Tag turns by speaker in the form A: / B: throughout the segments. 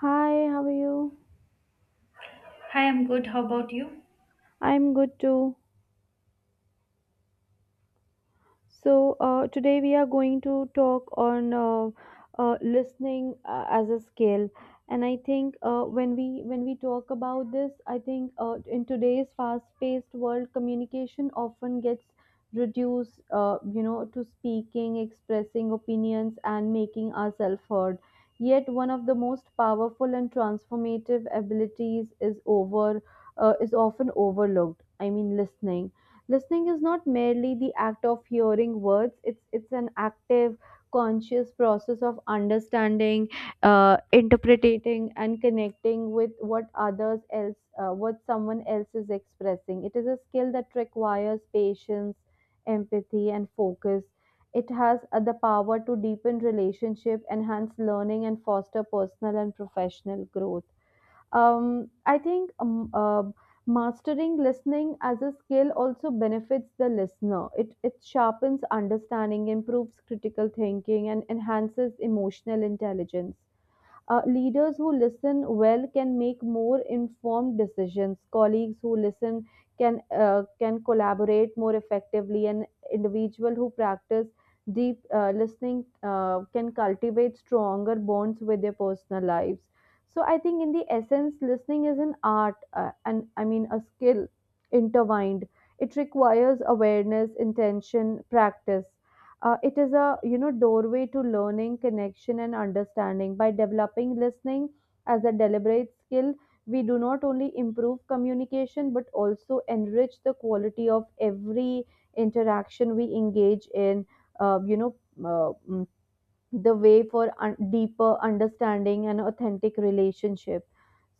A: Hi, how are you?
B: Hi, I'm good. How about you?
A: I'm good too. So today we are going to talk on listening as a skill. And I think when we talk about this, I think in today's fast-paced world, communication often gets reduced to speaking, expressing opinions, and making ourselves heard. Yet one of the most powerful and transformative abilities is over is often overlooked. I mean, Listening is not merely the act of hearing words, it's an active, conscious process of understanding, interpreting, and connecting with what someone else is expressing. It is a skill that requires patience, empathy, and focus. It has the power to deepen relationship, enhance learning, and foster personal and professional growth. I think Mastering listening as a skill also benefits the listener. It sharpens understanding, improves critical thinking, and enhances emotional intelligence. Leaders who listen well can make more informed decisions. Colleagues who listen can collaborate more effectively, and individual who practice deep listening can cultivate stronger bonds with their personal lives. So I think, in the essence, listening is an art, and I mean a skill intertwined. It requires awareness, intention, practice. It is a you know doorway to learning, connection, and understanding. By developing listening as a deliberate skill, we do not only improve communication but also enrich the quality of every interaction we engage in. Uh, you know. Uh, mm, the way for deeper understanding and authentic relationship.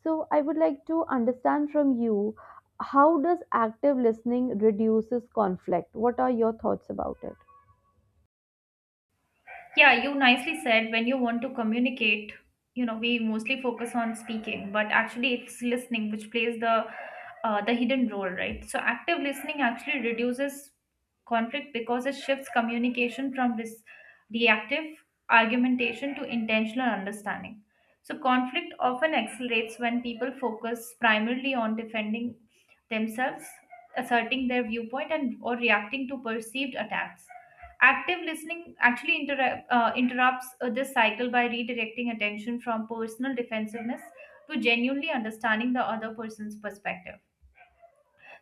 A: So I would like to understand from you, how does active listening reduces conflict? What are your thoughts about it?
B: Yeah, you nicely said when you want to communicate, you know, we mostly focus on speaking, but actually it's listening which plays the hidden role, right? So active listening actually reduces conflict because it shifts communication from this reactive argumentation to intentional understanding. So conflict often accelerates when people focus primarily on defending themselves, asserting their viewpoint and or reacting to perceived attacks. Active listening actually interrupts this cycle by redirecting attention from personal defensiveness to genuinely understanding the other person's perspective.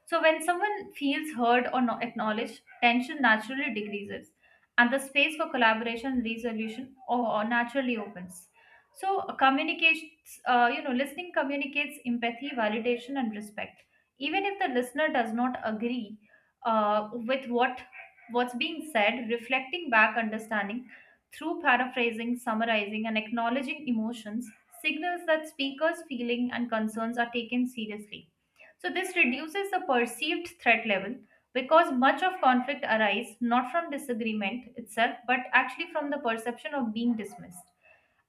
B: So, when someone feels heard or acknowledged, tension naturally decreases, and the space for collaboration and resolution or naturally opens. So, communicates, you know, listening communicates empathy, validation, and respect. Even if the listener does not agree with what's being said, reflecting back understanding through paraphrasing, summarizing, and acknowledging emotions signals that speakers' feeling and concerns are taken seriously. So this reduces the perceived threat level because much of conflict arises not from disagreement itself, but actually from the perception of being dismissed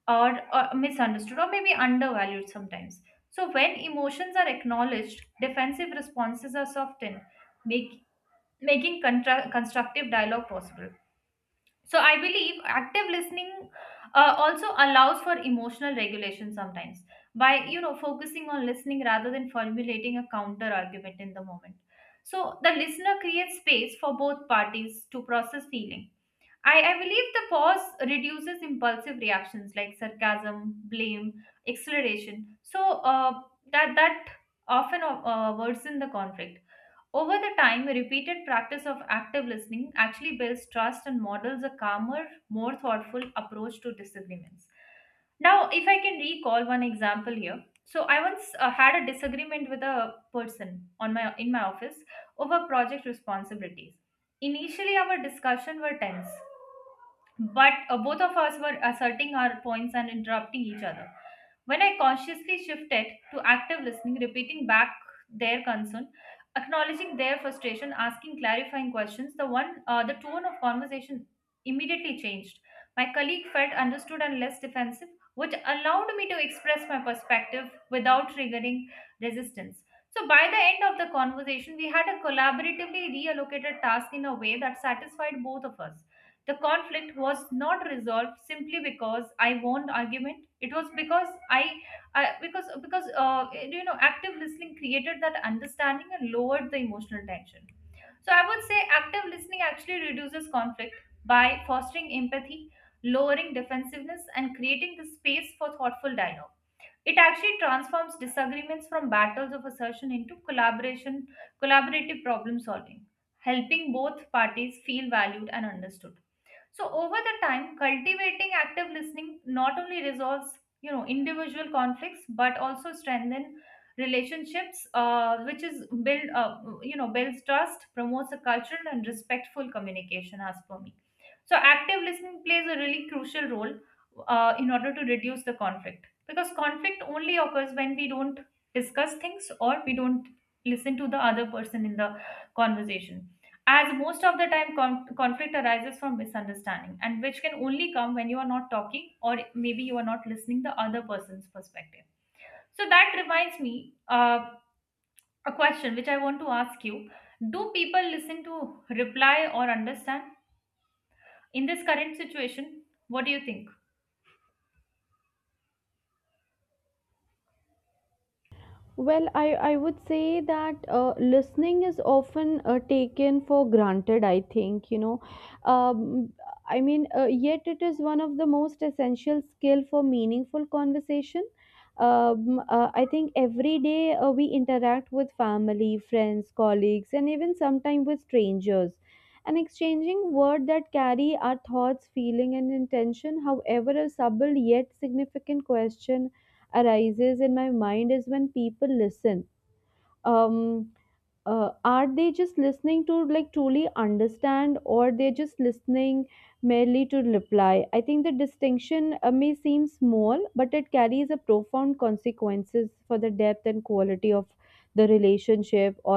B: or misunderstood or maybe undervalued sometimes. So when emotions are acknowledged, defensive responses are softened, make, making constructive dialogue possible. So I believe active listening also allows for emotional regulation sometimes by you know focusing on listening rather than formulating a counter argument in the moment. So the listener creates space for both parties to process feeling. I believe the pause reduces impulsive reactions like sarcasm, blame, acceleration. So that often worsens the conflict over the time, repeated practice of active listening actually builds trust and models a calmer, more thoughtful approach to disagreements. Now, if I can recall one example here. So, I once had a disagreement with a person on my in my office over project responsibilities. Initially, our discussion were tense, but both of us were asserting our points and interrupting each other. When I consciously shifted to active listening, repeating back their concern, acknowledging their frustration, asking clarifying questions, the tone of conversation immediately changed. My colleague felt understood and less defensive, which allowed me to express my perspective without triggering resistance. So by the end of the conversation, we had a collaboratively reallocated task in a way that satisfied both of us. The conflict was not resolved simply because I won the argument. It was because I because you know active listening created that understanding and lowered the emotional tension. So I would say active listening actually reduces conflict by fostering empathy, lowering defensiveness, and creating the space for thoughtful dialogue. It actually transforms disagreements from battles of assertion into collaborative problem solving, helping both parties feel valued and understood. So over the time, cultivating active listening not only resolves you know individual conflicts but also strengthen relationships, which is build you know builds trust, promotes a cultural and respectful communication. As per me. So active listening plays a really crucial role in order to reduce the conflict because conflict only occurs when we don't discuss things or we don't listen to the other person in the conversation. As most of the time, conflict arises from misunderstanding, and which can only come when you are not talking or maybe you are not listening the other person's perspective. So that reminds me a question which I want to ask you: Do people listen to reply or understand? In this current situation, what do you think?
A: Well, I would say that listening is often taken for granted, I think, you know. Um, Yet it is one of the most essential skill for meaningful conversation. I think every day we interact with family, friends, colleagues, and even sometimes with strangers. And exchanging words that carry our thoughts, feeling, and intention, however a subtle yet significant question arises in my mind is when people listen, um are they just listening to like truly understand, or they're just listening merely to reply? I think the distinction may seem small, but it carries a profound consequences for the depth and quality of the relationship,